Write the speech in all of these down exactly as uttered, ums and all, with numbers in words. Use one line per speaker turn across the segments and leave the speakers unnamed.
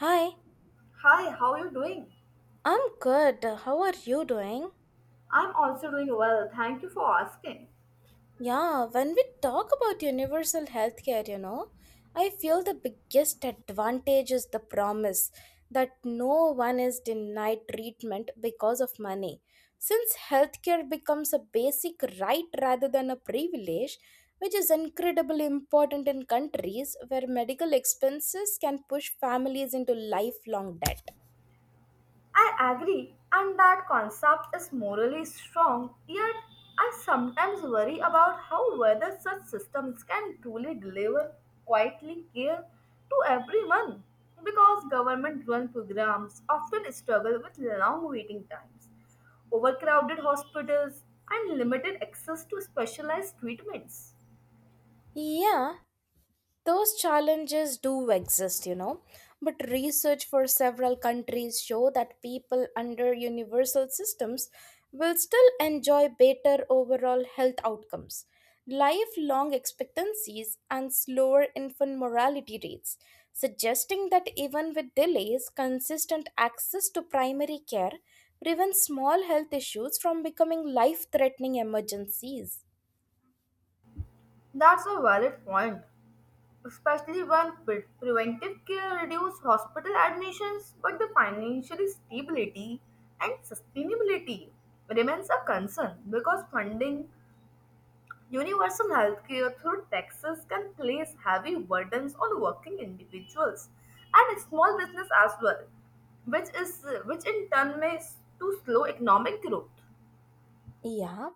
Hi,
Hi, how are you doing?
I'm good. How are you doing?
I'm also doing well. Thank you for asking.
Yeah, when we talk about universal healthcare, you know, I feel the biggest advantage is the promise that no one is denied treatment because of money. Since healthcare becomes a basic right rather than a privilege, which is incredibly important in countries where medical expenses can push families into lifelong debt.
I agree, and that concept is morally strong, yet I sometimes worry about how whether such systems can truly deliver quietly care to everyone because government run programs often struggle with long waiting times, overcrowded hospitals, and limited access to specialized treatments.
Yeah, those challenges do exist, you know but research for several countries show that people under universal systems will still enjoy better overall health outcomes, lifelong expectancies and slower infant mortality rates, suggesting that even with delays consistent access to primary care prevents small health issues from becoming life threatening emergencies.
That's a valid point, especially when pre- preventive care reduce hospital admissions, but the financial stability and sustainability remains a concern because funding universal healthcare through taxes can place heavy burdens on working individuals and small business as well, which is which in turn may s- to slow economic growth.
Yeah,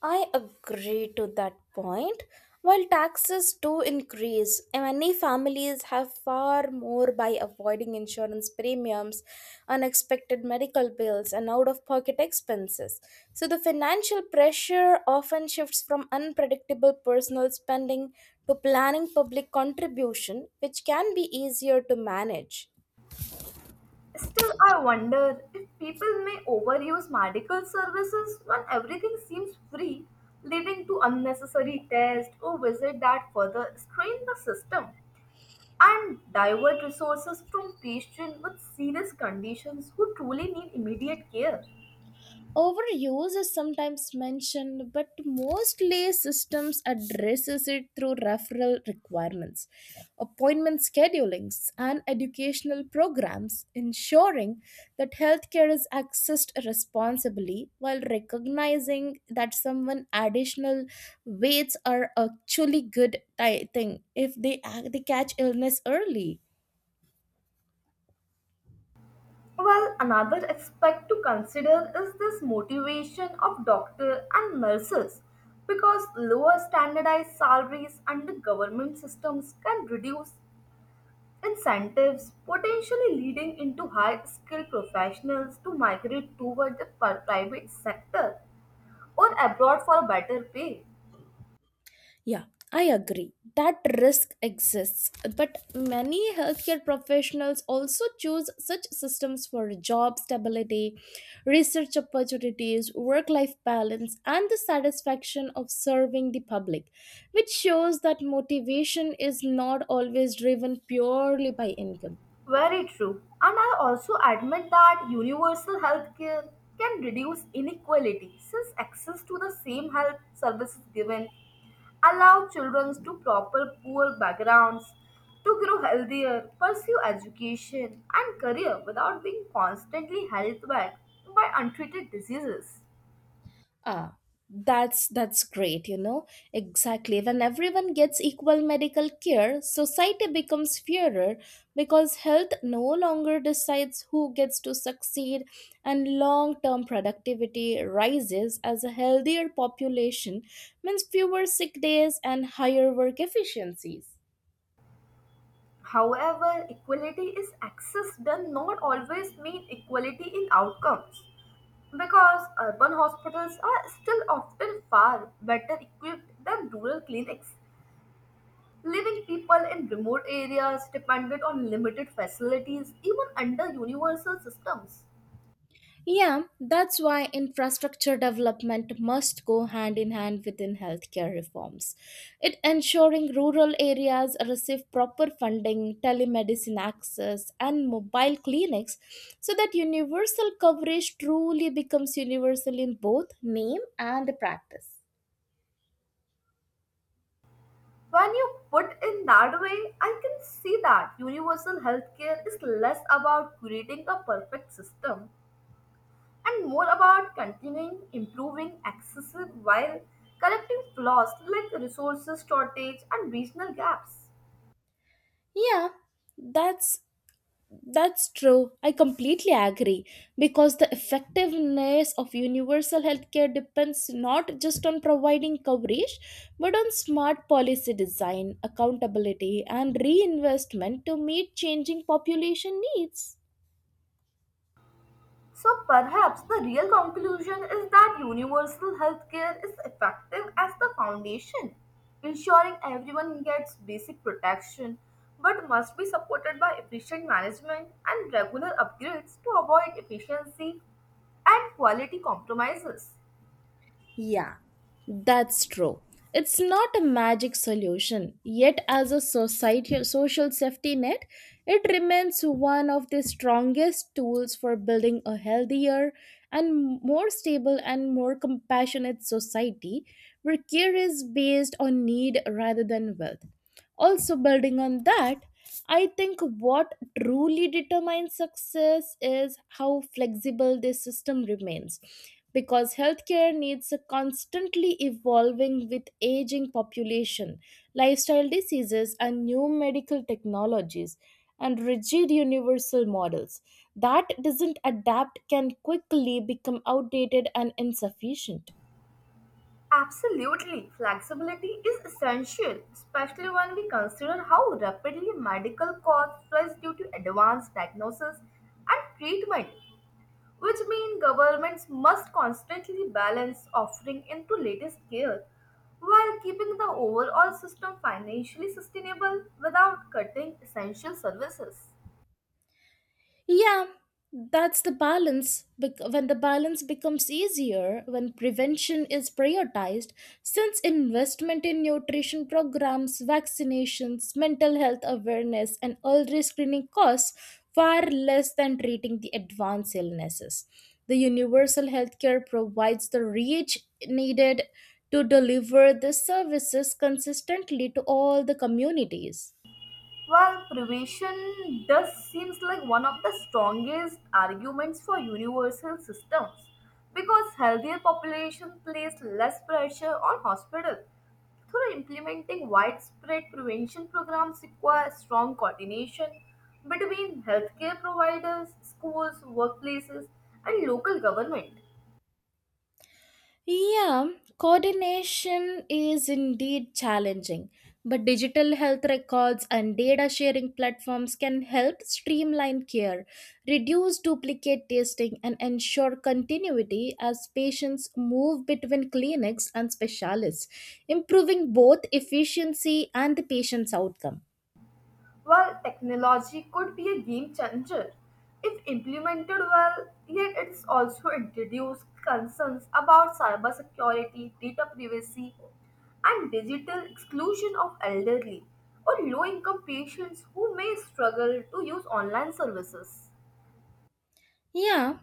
I agree to that point. While taxes do increase, many families have far more by avoiding insurance premiums, unexpected medical bills, and out of pocket expenses. So, the financial pressure often shifts from unpredictable personal spending to planning public contribution, which can be easier to manage.
Still, I wonder if people may overuse medical services when everything seems free, leading to unnecessary tests or visits that further strain the system and divert resources from patients with serious conditions who truly need immediate care.
Overuse is sometimes mentioned, but mostly systems addresses it through referral requirements, appointment schedulings, and educational programs, ensuring that healthcare is accessed responsibly while recognizing that someone additional weights are actually good ti- thing if they ac- they catch illness early.
Well, another aspect to consider is this motivation of doctors and nurses because lower standardized salaries under government systems can reduce incentives potentially leading into high skilled professionals to migrate toward the pri- private sector or abroad for better pay.
Yeah, I agree. That risk exists. But many healthcare professionals also choose such systems for job stability, research opportunities, work life balance, and the satisfaction of serving the public, which shows that motivation is not always driven purely by income.
Very true. And I also admit that universal healthcare can reduce inequality since access to the same health services given allow children to proper poor backgrounds to grow healthier, pursue education and career without being constantly held back by untreated diseases.
Ah, that's that's great, you know. Exactly. When everyone gets equal medical care, society becomes fairer because health no longer decides who gets to succeed and long-term productivity rises as a healthier population means fewer sick days and higher work efficiencies.
However, equality is access does not always mean equality in outcomes because urban hospitals are still often far better equipped than rural clinics, leaving people in remote areas dependent on limited facilities even under universal systems.
Yeah, that's why infrastructure development must go hand in hand within healthcare reforms. It ensuring rural areas receive proper funding, telemedicine access, and mobile clinics so that universal coverage truly becomes universal in both name and practice.
When you put in that way, I can see that universal healthcare is less about creating a perfect system and more about continuing improving access while correcting flaws like resources shortage and regional gaps.
Yeah, that's that's true. I completely agree because the effectiveness of universal healthcare depends not just on providing coverage but on smart policy design, accountability, and reinvestment to meet changing population needs.
So perhaps the real conclusion is that universal healthcare is effective as the foundation, ensuring everyone gets basic protection but must be supported by efficient management and regular upgrades to avoid efficiency and quality compromises.
Yeah, that's true. It's not a magic solution, yet, as a society, social safety net, it remains one of the strongest tools for building a healthier and more stable and more compassionate society where care is based on need rather than wealth. Also, building on that, I think what truly determines success is how flexible this system remains because healthcare needs are constantly evolving with aging population, lifestyle diseases and new medical technologies, and rigid universal models that doesn't adapt can quickly become outdated and insufficient.
Absolutely, flexibility is essential, especially when we consider how rapidly medical costs rise due to advanced diagnosis and treatment, which mean governments must constantly balance offering into latest care while keeping the overall system financially sustainable without cutting essential services.
Yeah, that's the balance. bec- When the balance becomes easier, when prevention is prioritized, since investment in nutrition programs, vaccinations, mental health awareness, and early screening costs far less than treating the advanced illnesses. The universal healthcare provides the reach needed to deliver the services consistently to all the communities.
Well, privation does seems like one of the strongest arguments for universal systems because healthier population place less pressure on hospital. Through implementing widespread prevention programs require strong coordination between healthcare providers, schools, workplaces, and local government.
Yeah, coordination is indeed challenging, but digital health records and data sharing platforms can help streamline care, reduce duplicate testing, and ensure continuity as patients move between clinics and specialists, improving both efficiency and the patient's outcome.
While technology could be a game changer if implemented well, yet it's also introduced concerns about cybersecurity, data privacy, and digital exclusion of elderly or low income patients who may struggle to use online services.
Yeah,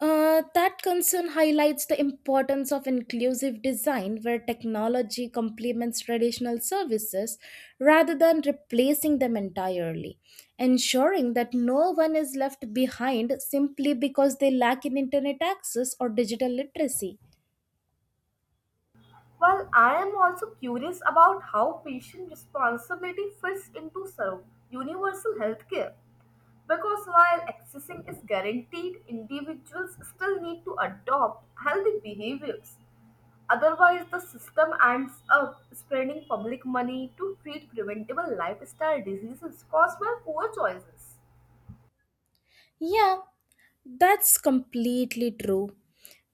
Uh, that concern highlights the importance of inclusive design where technology complements traditional services rather than replacing them entirely, ensuring that no one is left behind simply because they lack in internet access or digital literacy.
Well, I am also curious about how patient responsibility fits into serve universal healthcare. Because while accessing is guaranteed, individuals still need to adopt healthy behaviors. Otherwise, the system ends up spending public money to treat preventable lifestyle diseases caused by poor choices.
Yeah, that's completely true.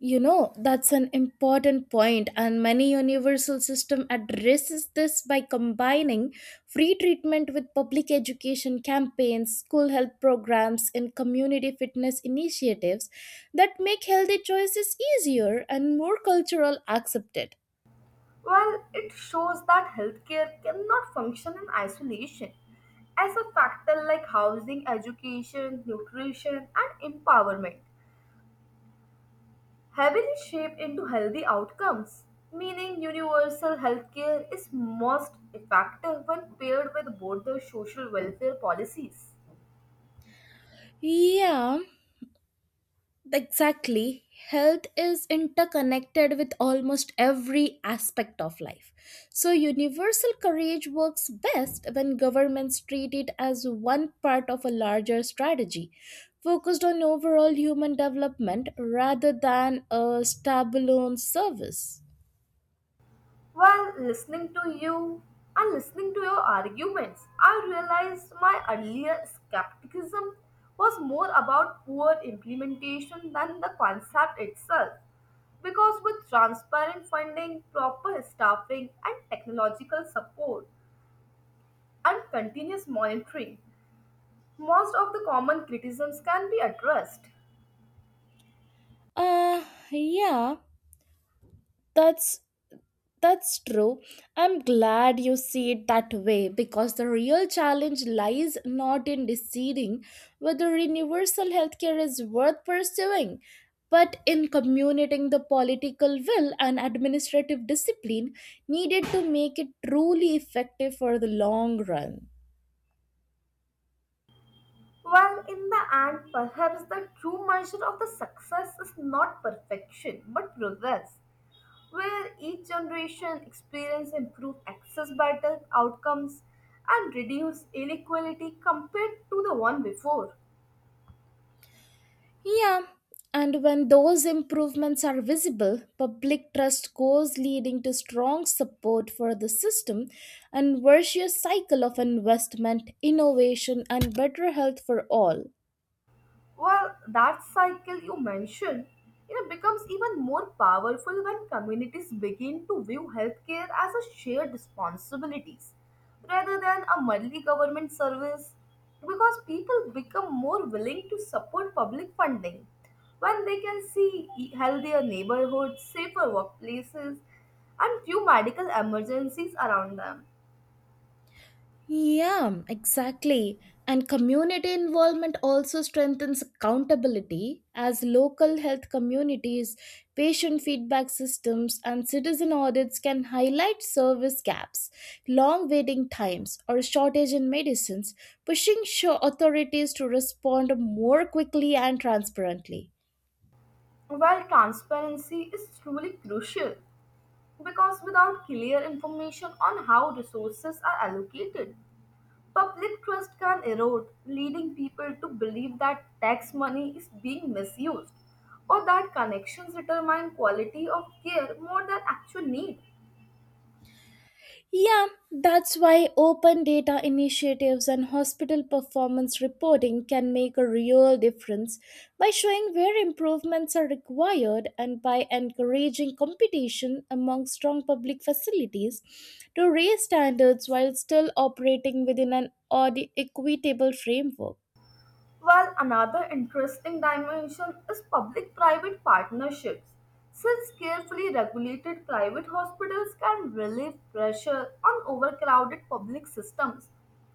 You know, that's an important point, and many universal system addresses this by combining free treatment with public education campaigns, school health programs, and community fitness initiatives that make healthy choices easier and more cultural accepted.
Well, it shows that healthcare cannot function in isolation. As a factor like housing, education, nutrition, and empowerment heavily shaped into healthy outcomes, meaning universal healthcare is most effective when paired with broader social welfare policies.
Yeah, exactly. Health is interconnected with almost every aspect of life. So, universal coverage works best when governments treat it as one part of a larger strategy focused on overall human development rather than a standalone service.
While listening to you and listening to your arguments, I realized my earlier skepticism was more about poor implementation than the concept itself. Because with transparent funding, proper staffing, and technological support, and continuous monitoring, most of the common criticisms can be addressed.
Uh, yeah, that's That's true. I'm glad you see it that way because the real challenge lies not in deciding whether universal healthcare is worth pursuing, but in communicating the political will and administrative discipline needed to make it truly effective for the long run.
Well, in the end, perhaps the true measure of the success is not perfection but progress, where each generation experience improve access better outcomes and reduce inequality compared to the one before.
Yeah, and when those improvements are visible, public trust goes leading to strong support for the system and virtuous cycle of investment, innovation and better health for all.
Well, that cycle you mentioned, you know, becomes even more powerful when communities begin to view healthcare as a shared responsibilities rather than a merely government service because people become more willing to support public funding when they can see e- healthier neighborhoods, safer workplaces, and few medical emergencies around them.
Yeah, exactly. And community involvement also strengthens accountability as local health communities, patient feedback systems, and citizen audits can highlight service gaps, long waiting times, or shortage in medicines, pushing sho- authorities to respond more quickly and transparently.
While transparency is truly crucial because without clear information on how resources are allocated, public trust can erode, leading people to believe that tax money is being misused or that connections determine quality of care more than actual need.
Yeah, that's why open data initiatives and hospital performance reporting can make a real difference by showing where improvements are required and by encouraging competition among strong public facilities to raise standards while still operating within an audi- equitable framework.
While another interesting dimension is public private partnerships. Since carefully regulated private hospitals can relieve pressure on overcrowded public systems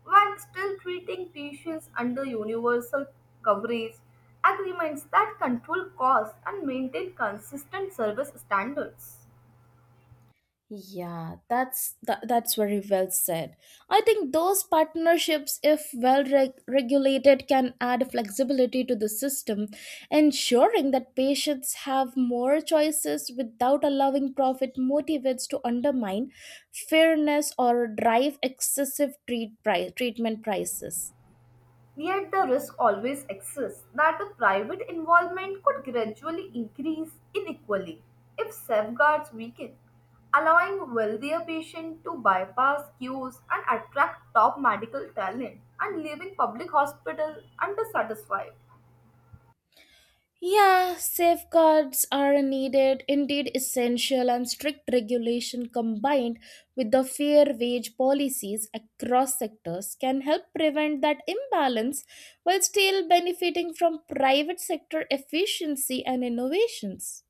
while still treating patients under universal coverage agreements that control costs and maintain consistent service standards.
Yeah, that's that, that's very well said. I think those partnerships, if well reg- regulated, can add flexibility to the system, ensuring that patients have more choices without allowing profit motivates to undermine fairness or drive excessive treat pri- treatment prices.
Yet the risk always exists that the private involvement could gradually increase inequally if safeguards weaken, allowing wealthier patients to bypass queues and attract top medical talent and leaving public hospitals undersatisfied.
Yeah, safeguards are needed, indeed essential, and strict regulation combined with the fair wage policies across sectors can help prevent that imbalance while still benefiting from private sector efficiency and innovations.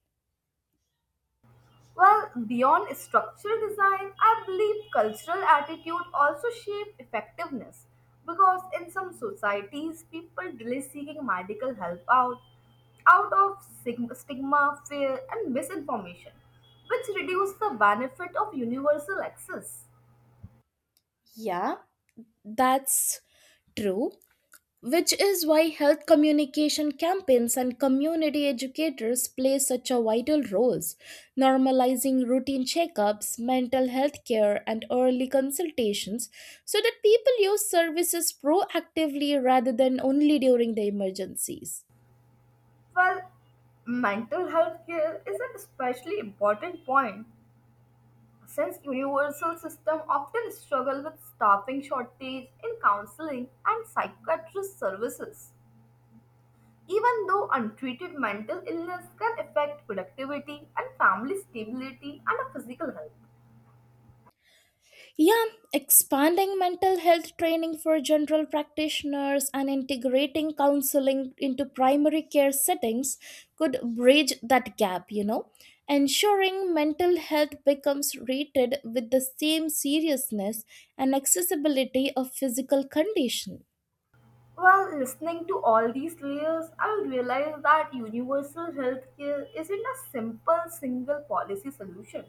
Well, beyond structural design, I believe cultural attitude also shape effectiveness because in some societies, people delay seeking medical help out out of sig- stigma, fear, and misinformation, which reduce the benefit of universal access.
Yeah, that's true, which is why health communication campaigns and community educators play such a vital roles, normalizing routine checkups, mental health care and early consultations so that people use services proactively rather than only during the emergencies.
Well, mental health care is an especially important point since universal system often struggle with staffing shortage in counseling and psychiatrist services, even though untreated mental illness can affect productivity and family stability and physical health.
Yeah, expanding mental health training for general practitioners and integrating counseling into primary care settings could bridge that gap, you know. Ensuring mental health becomes rated with the same seriousness and accessibility of physical condition.
Well, listening to all these layers, I realized that universal healthcare isn't a simple single policy solution,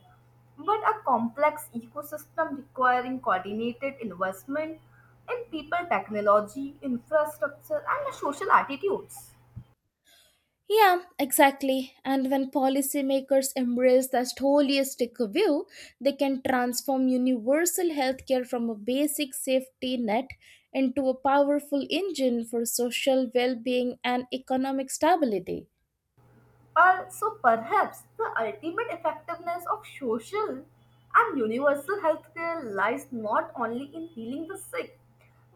but a complex ecosystem requiring coordinated investment in people, technology, infrastructure, and social attitudes.
Yeah, exactly. And when policymakers embrace that holistic view, they can transform universal healthcare from a basic safety net into a powerful engine for social well being and economic stability.
Also, perhaps the ultimate effectiveness of social and universal healthcare lies not only in healing the sick,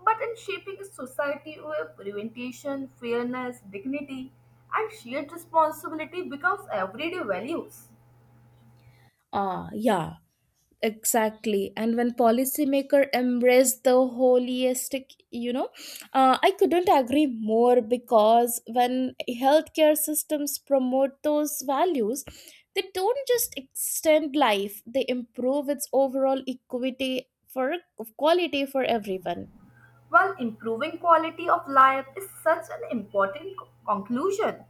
but in shaping a society where prevention, fairness, dignity, and shared responsibility becomes everyday values.
Ah, yeah. Exactly. And when policymaker embrace the holistic, you know, uh, I couldn't agree more because when healthcare systems promote those values, they don't just extend life, they improve its overall equity for quality for everyone.
Well, improving quality of life is such an important co- conclusion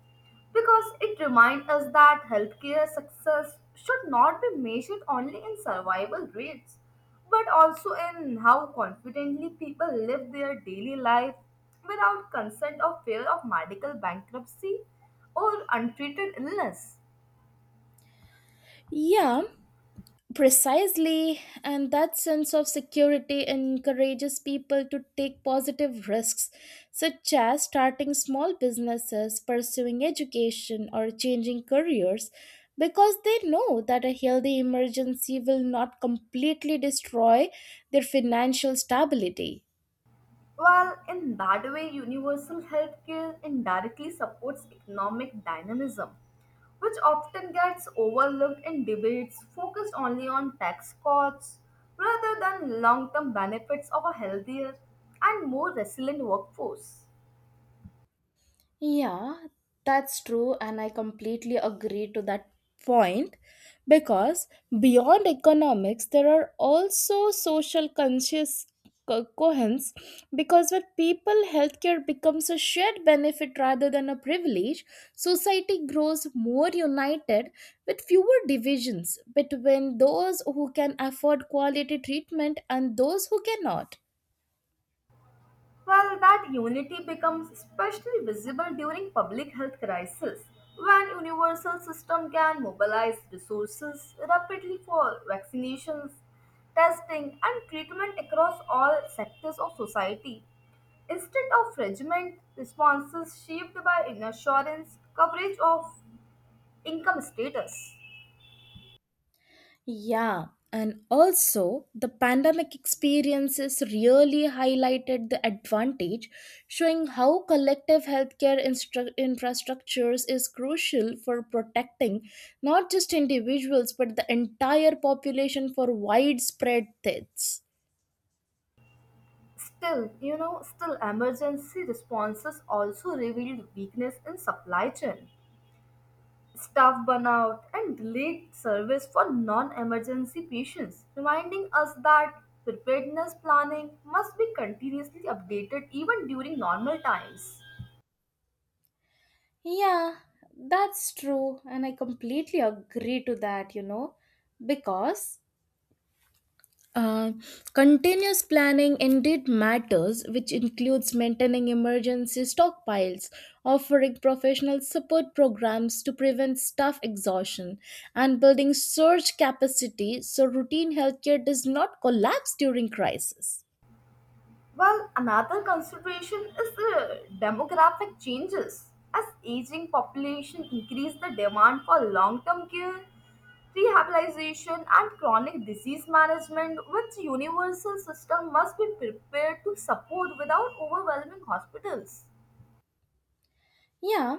because it reminds us that healthcare success should not be measured only in survival rates but also in how confidently people live their daily life without consent or fear of medical bankruptcy or untreated illness.
Yeah, precisely, and that sense of security encourages people to take positive risks, such as starting small businesses, pursuing education, or changing careers, because they know that a healthy emergency will not completely destroy their financial stability.
Well, in that way, universal healthcare indirectly supports economic dynamism, which often gets overlooked in debates focused only on tax cuts rather than long term benefits of a healthier and more resilient workforce.
Yeah, that's true, and I completely agree to that point because beyond economics, there are also social conscious co- coherence because when people healthcare becomes a shared benefit rather than a privilege, society grows more united with fewer divisions between those who can afford quality treatment and those who cannot.
Well, that unity becomes especially visible during public health crisis, when universal system can mobilize resources rapidly for vaccinations, testing, and treatment across all sectors of society, instead of regiment responses shaped by insurance coverage of income status.
Yeah, and also the pandemic experiences really highlighted the advantage, showing how collective healthcare instru- infrastructures is crucial for protecting not just individuals but the entire population for widespread deaths.
Still, you know, still emergency responses also revealed weakness in supply chain staff burnout, and delayed service for non emergency patients, reminding us that preparedness planning must be continuously updated even during normal times.
Yeah, that's true, and I completely agree to that, you know, because Uh, continuous planning indeed matters, which includes maintaining emergency stockpiles, offering professional support programs to prevent staff exhaustion, and building surge capacity so routine healthcare does not collapse during crisis.
Well, another consideration is the demographic changes. As aging population increase the demand for long-term care, rehabilitation and chronic disease management, which universal system must be prepared to support without overwhelming hospitals.
Yeah,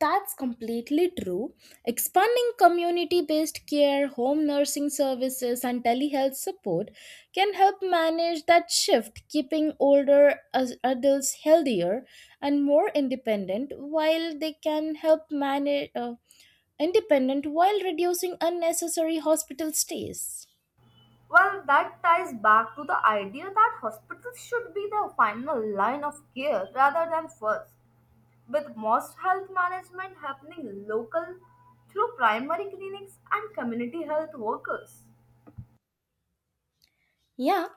that's completely true. Expanding community based care, home nursing services, and telehealth support can help manage that shift, keeping older as- adults healthier and more independent while they can help manage uh, independent while reducing unnecessary hospital stays.
Well, that ties back to the idea that hospitals should be the final line of care rather than first, with most health management happening local through primary clinics and community health workers.
Yeah,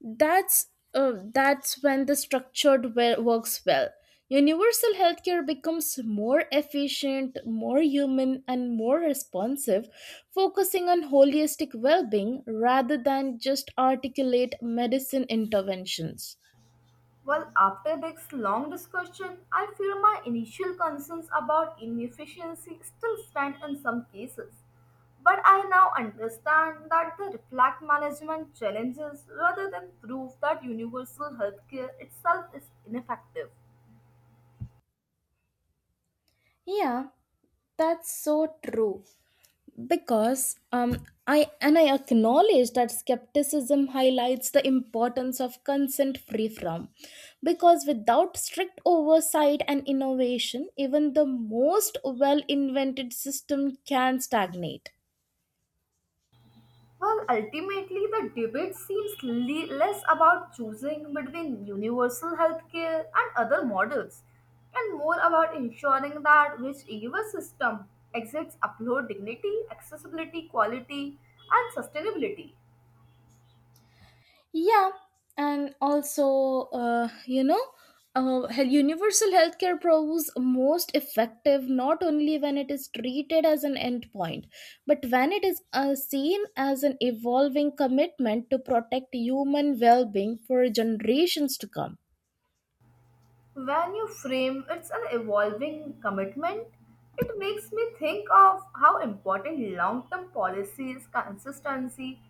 that's uh, that's when the structured well, works well, universal healthcare becomes more efficient, more human and more responsive, focusing on holistic well-being rather than just articulate medicine interventions.
Well, after this long discussion, I feel my initial concerns about inefficiency still stand in some cases. But I now understand that the reflect management challenges rather than prove that universal healthcare itself is ineffective.
Yeah, that's so true because um, I and I acknowledge that skepticism highlights the importance of consent free from, because without strict oversight and innovation even the most well invented system can stagnate.
Well, ultimately, the debate seems le- less about choosing between universal healthcare and other models and more about ensuring that whichever system exhibits upload dignity, accessibility, quality, and sustainability.
Yeah, and also, uh, you know, uh, hel- universal healthcare proves most effective not only when it is treated as an endpoint, but when it is, uh, seen as an evolving commitment to protect human well being for generations to come.
When you frame it's an evolving commitment, it makes me think of how important long term policies, consistency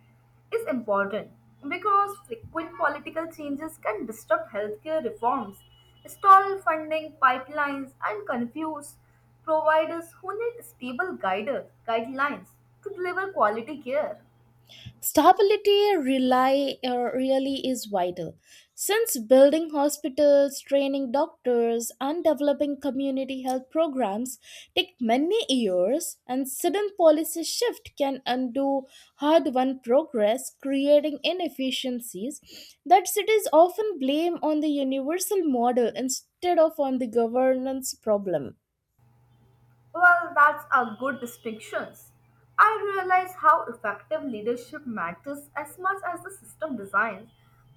is important because frequent political changes can disrupt healthcare reforms, stall funding pipelines, and confuse providers who need stable guider, guidelines to deliver quality care.
Stability rely, uh, really is vital. Since building hospitals, training doctors, and developing community health programs take many years, and sudden policy shift can undo hard-won progress, creating inefficiencies that cities often blame on the universal model instead of on the governance problem.
Well, that's a good distinction. I realize how effective leadership matters as much as the system design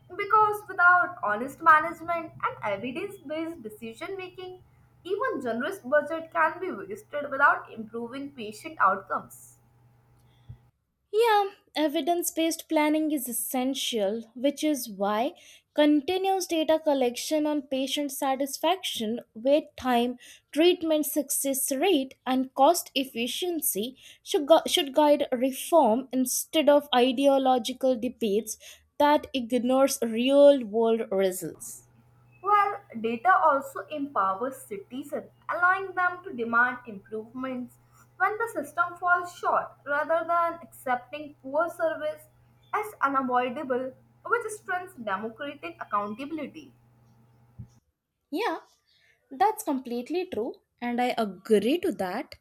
because without honest management and evidence-based decision making, even generous budget can be wasted without improving patient outcomes.
Yeah, evidence based planning is essential, which is why continuous data collection on patient satisfaction, wait time, treatment success rate, and cost efficiency should, gu- should guide reform instead of ideological debates that ignores real world results.
Well, data also empowers citizens, allowing them to demand improvements when the system falls short rather than accepting poor service as unavoidable, which strengthens democratic accountability.
Yeah, that's completely true, and I agree to that.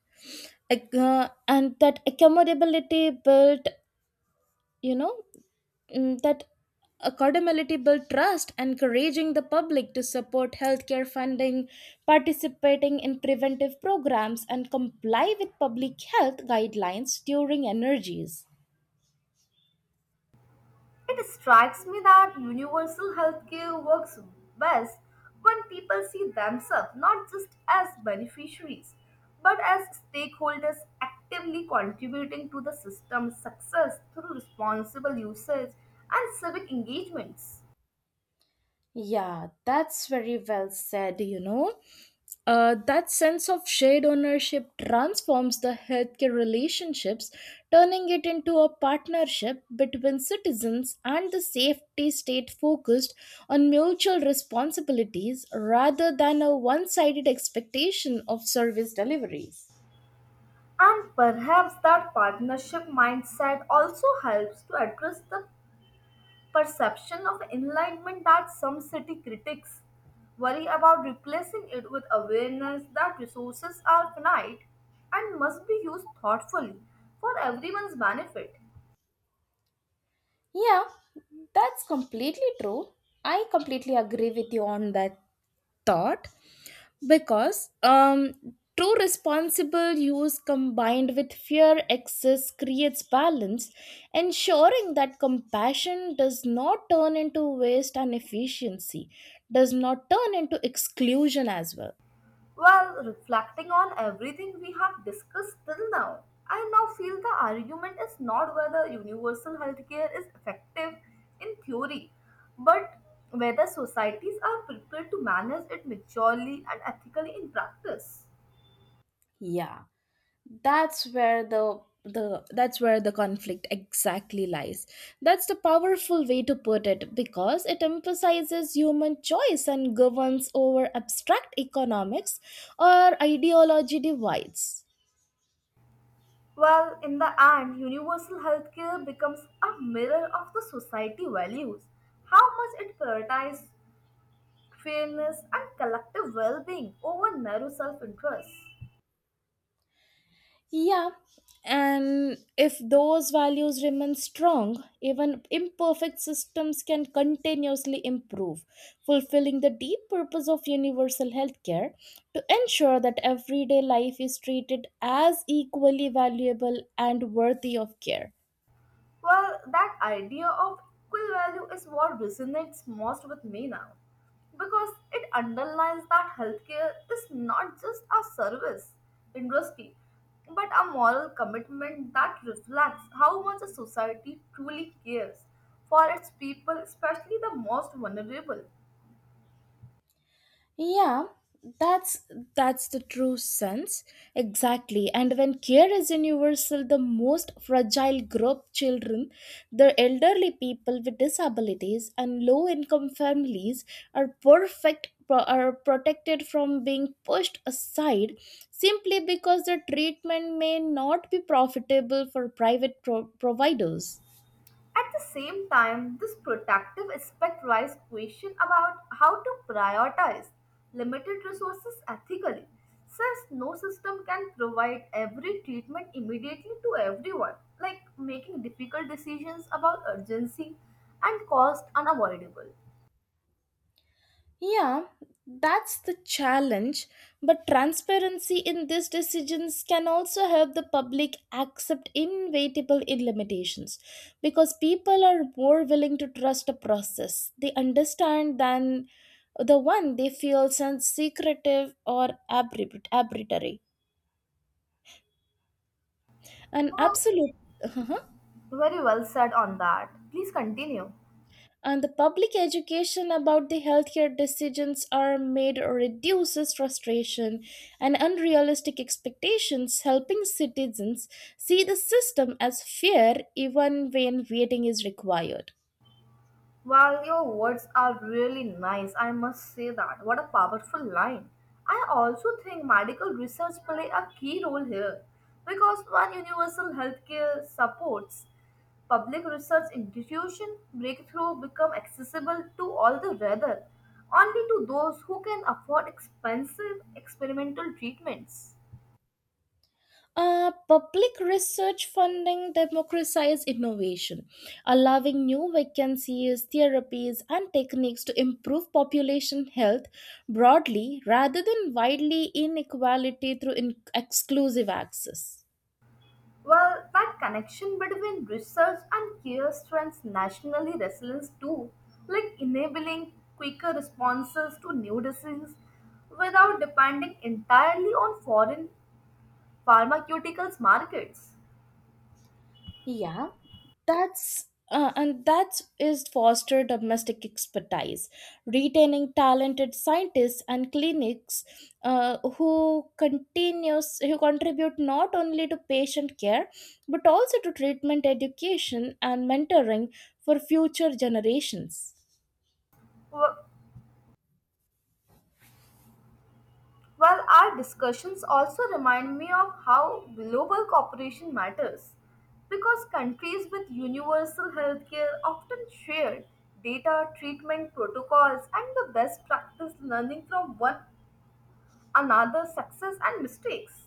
Ac- uh, and that accountability built you know mm, that accountability build trust, encouraging the public to support healthcare funding, participating in preventive programs and comply with public health guidelines during energies.
It strikes me that universal healthcare works best when people see themselves not just as beneficiaries but as stakeholders actively contributing to the system's success through responsible usage and civic engagements.
Yeah, that's very well said, you know. Uh, that sense of shared ownership transforms the healthcare relationships, turning it into a partnership between citizens and the safety state focused on mutual responsibilities rather than a one sided expectation of service deliveries.
And perhaps that partnership mindset also helps to address the perception of enlightenment that some city critics worry about replacing it with awareness that resources are finite and must be used thoughtfully for everyone's benefit.
Yeah, that's completely true. I completely agree with you on that thought. Because um, true responsible use combined with fear excess creates balance, ensuring that compassion does not turn into waste and efficiency does not turn into exclusion as well.
While reflecting on everything we have discussed till now, I now feel the argument is not whether universal healthcare is effective in theory, but whether societies are prepared to manage it maturely and ethically in practice.
Yeah, that's where the the that's where the conflict exactly lies. That's the powerful way to put it because it emphasizes human choice and governs over abstract economics or ideology divides.
Well, in the end, universal healthcare becomes a mirror of the society values, how much it prioritizes fairness and collective well being over narrow self interest.
Yeah, and if those values remain strong, even imperfect systems can continuously improve, fulfilling the deep purpose of universal healthcare to ensure that everyday life is treated as equally valuable and worthy of care.
Well, that idea of equal value is what resonates most with me now because it underlines that healthcare is not just a service industry but a moral commitment that reflects how much a society truly cares for its people, especially the most vulnerable.
Yeah, that's that's the true sense. Exactly. And when care is universal, the most fragile group children, the elderly people with disabilities and low income families are perfect pro- are protected from being pushed aside simply because their treatment may not be profitable for private pro- providers.
At the same time, this protective aspect raises question about how to prioritize limited resources ethically, since no system can provide every treatment immediately to everyone, like making difficult decisions about urgency and cost unavoidable.
Yeah, that's the challenge. But transparency in these decisions can also help the public accept inevitable limitations because people are more willing to trust a process they understand than the one they feel sounds secretive or abri- arbitrary. And
You have
absolute.
very well said on that. Please continue.
And the public education about the healthcare decisions are made reduces frustration and unrealistic expectations, helping citizens see the system as fair even when waiting is required.
Well, your words are really nice, I must say that. What a powerful line. I also think medical research play a key role here because when universal healthcare supports public research institution, breakthrough become accessible to all the rather only to those who can afford expensive experimental treatments.
Uh, public research funding democratizes innovation, allowing new vacancies, therapies, and techniques to improve population health broadly rather than widely inequality through in- exclusive access.
Well, that connection between research and care strengthens nationally resilience too, like enabling quicker responses to new diseases without depending entirely on foreign pharmaceuticals markets.
Yeah, that's uh, and that is foster domestic expertise, retaining talented scientists and clinics, uh, who continues who contribute not only to patient care but also to treatment education and mentoring for future generations.
Wh- While our discussions also remind me of how global cooperation matters, because countries with universal healthcare often share data, treatment protocols, and the best practice learning from one another success and mistakes.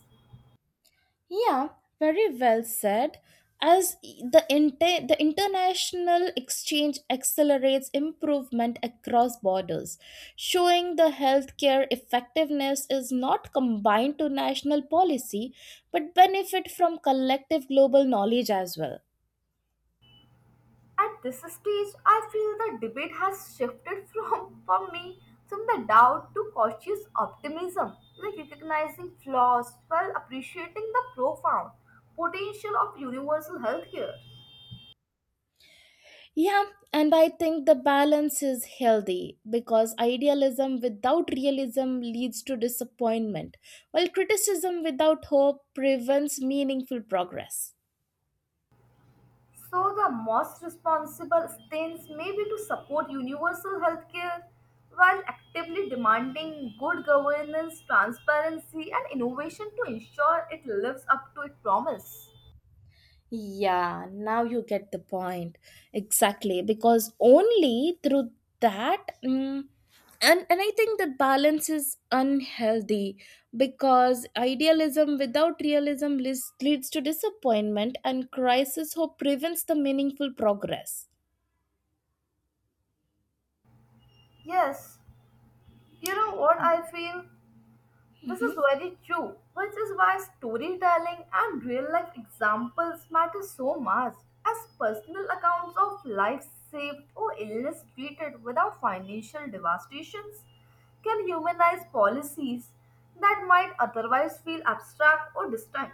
Yeah, very well said. As e- the inter- the international exchange accelerates improvement across borders, showing the healthcare effectiveness is not combined to national policy, but benefit from collective global knowledge as well.
At this stage, I feel the debate has shifted from, for me from the doubt to cautious optimism, like recognizing flaws while appreciating the profound potential of universal healthcare.
Yeah, and I think the balance is healthy because idealism without realism leads to disappointment, while criticism without hope prevents meaningful progress.
So, the most responsible stance may be to support universal healthcare while actively demanding good governance, transparency, and innovation to ensure it lives up to its promise.
Yeah, now you get the point. Exactly, because only through that mm, and and I think that balance is unhealthy because idealism without realism leads, leads to disappointment and crisis hope prevents the meaningful progress.
Yes, you know what I feel? This
Mhm.
is very true, which is why storytelling and real life examples matter so much, as personal accounts of life saved or illness treated without financial devastations can humanize policies that might otherwise feel abstract or distant.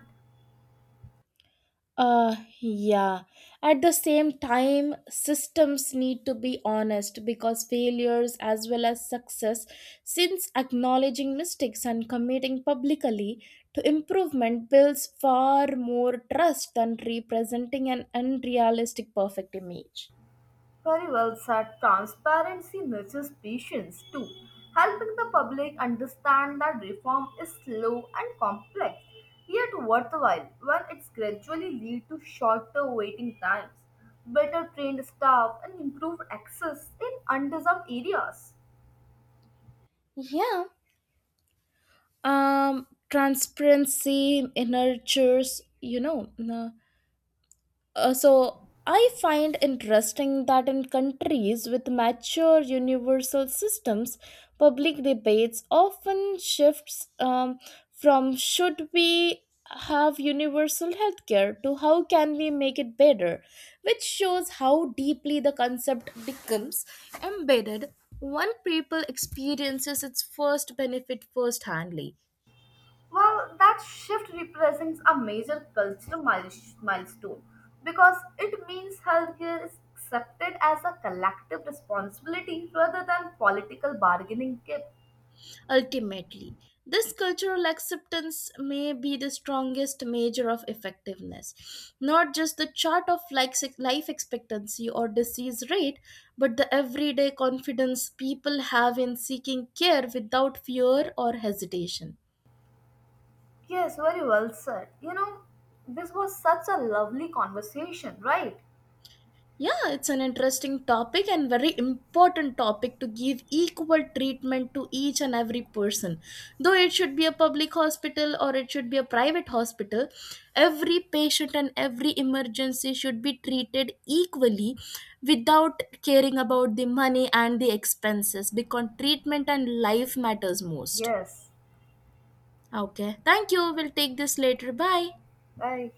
Uh, yeah. At the same time, systems need to be honest because failures as well as success, since acknowledging mistakes and committing publicly to improvement builds far more trust than representing an unrealistic perfect image.
Very well said. Transparency nurtures patience too, helping the public understand that reform is slow and complex, yet worthwhile when it's gradually lead to shorter waiting times, better trained staff, and improved access in underserved areas.
Yeah. Um, transparency nurtures, you know, uh, Uh, so I find interesting that in countries with mature universal systems, public debates often shifts um, from should we have universal healthcare to how can we make it better, which shows how deeply the concept becomes embedded when people experiences its first benefit first handly.
Well, that shift represents a major cultural miles- milestone because it means healthcare is accepted as a collective responsibility rather than political bargaining kit.
Ultimately, this cultural acceptance may be the strongest measure of effectiveness, not just the chart of life life expectancy or disease rate, but the everyday confidence people have in seeking care without fear or hesitation.
Yes, very well said. You know, this was such a lovely conversation, right?
Yeah, it's an interesting topic and very important topic to give equal treatment to each and every person. Though it should be a public hospital or it should be a private hospital, every patient and every emergency should be treated equally without caring about the money and the expenses because treatment and life matters most.
Yes.
Okay. Thank you. We'll take this later. Bye.
Bye.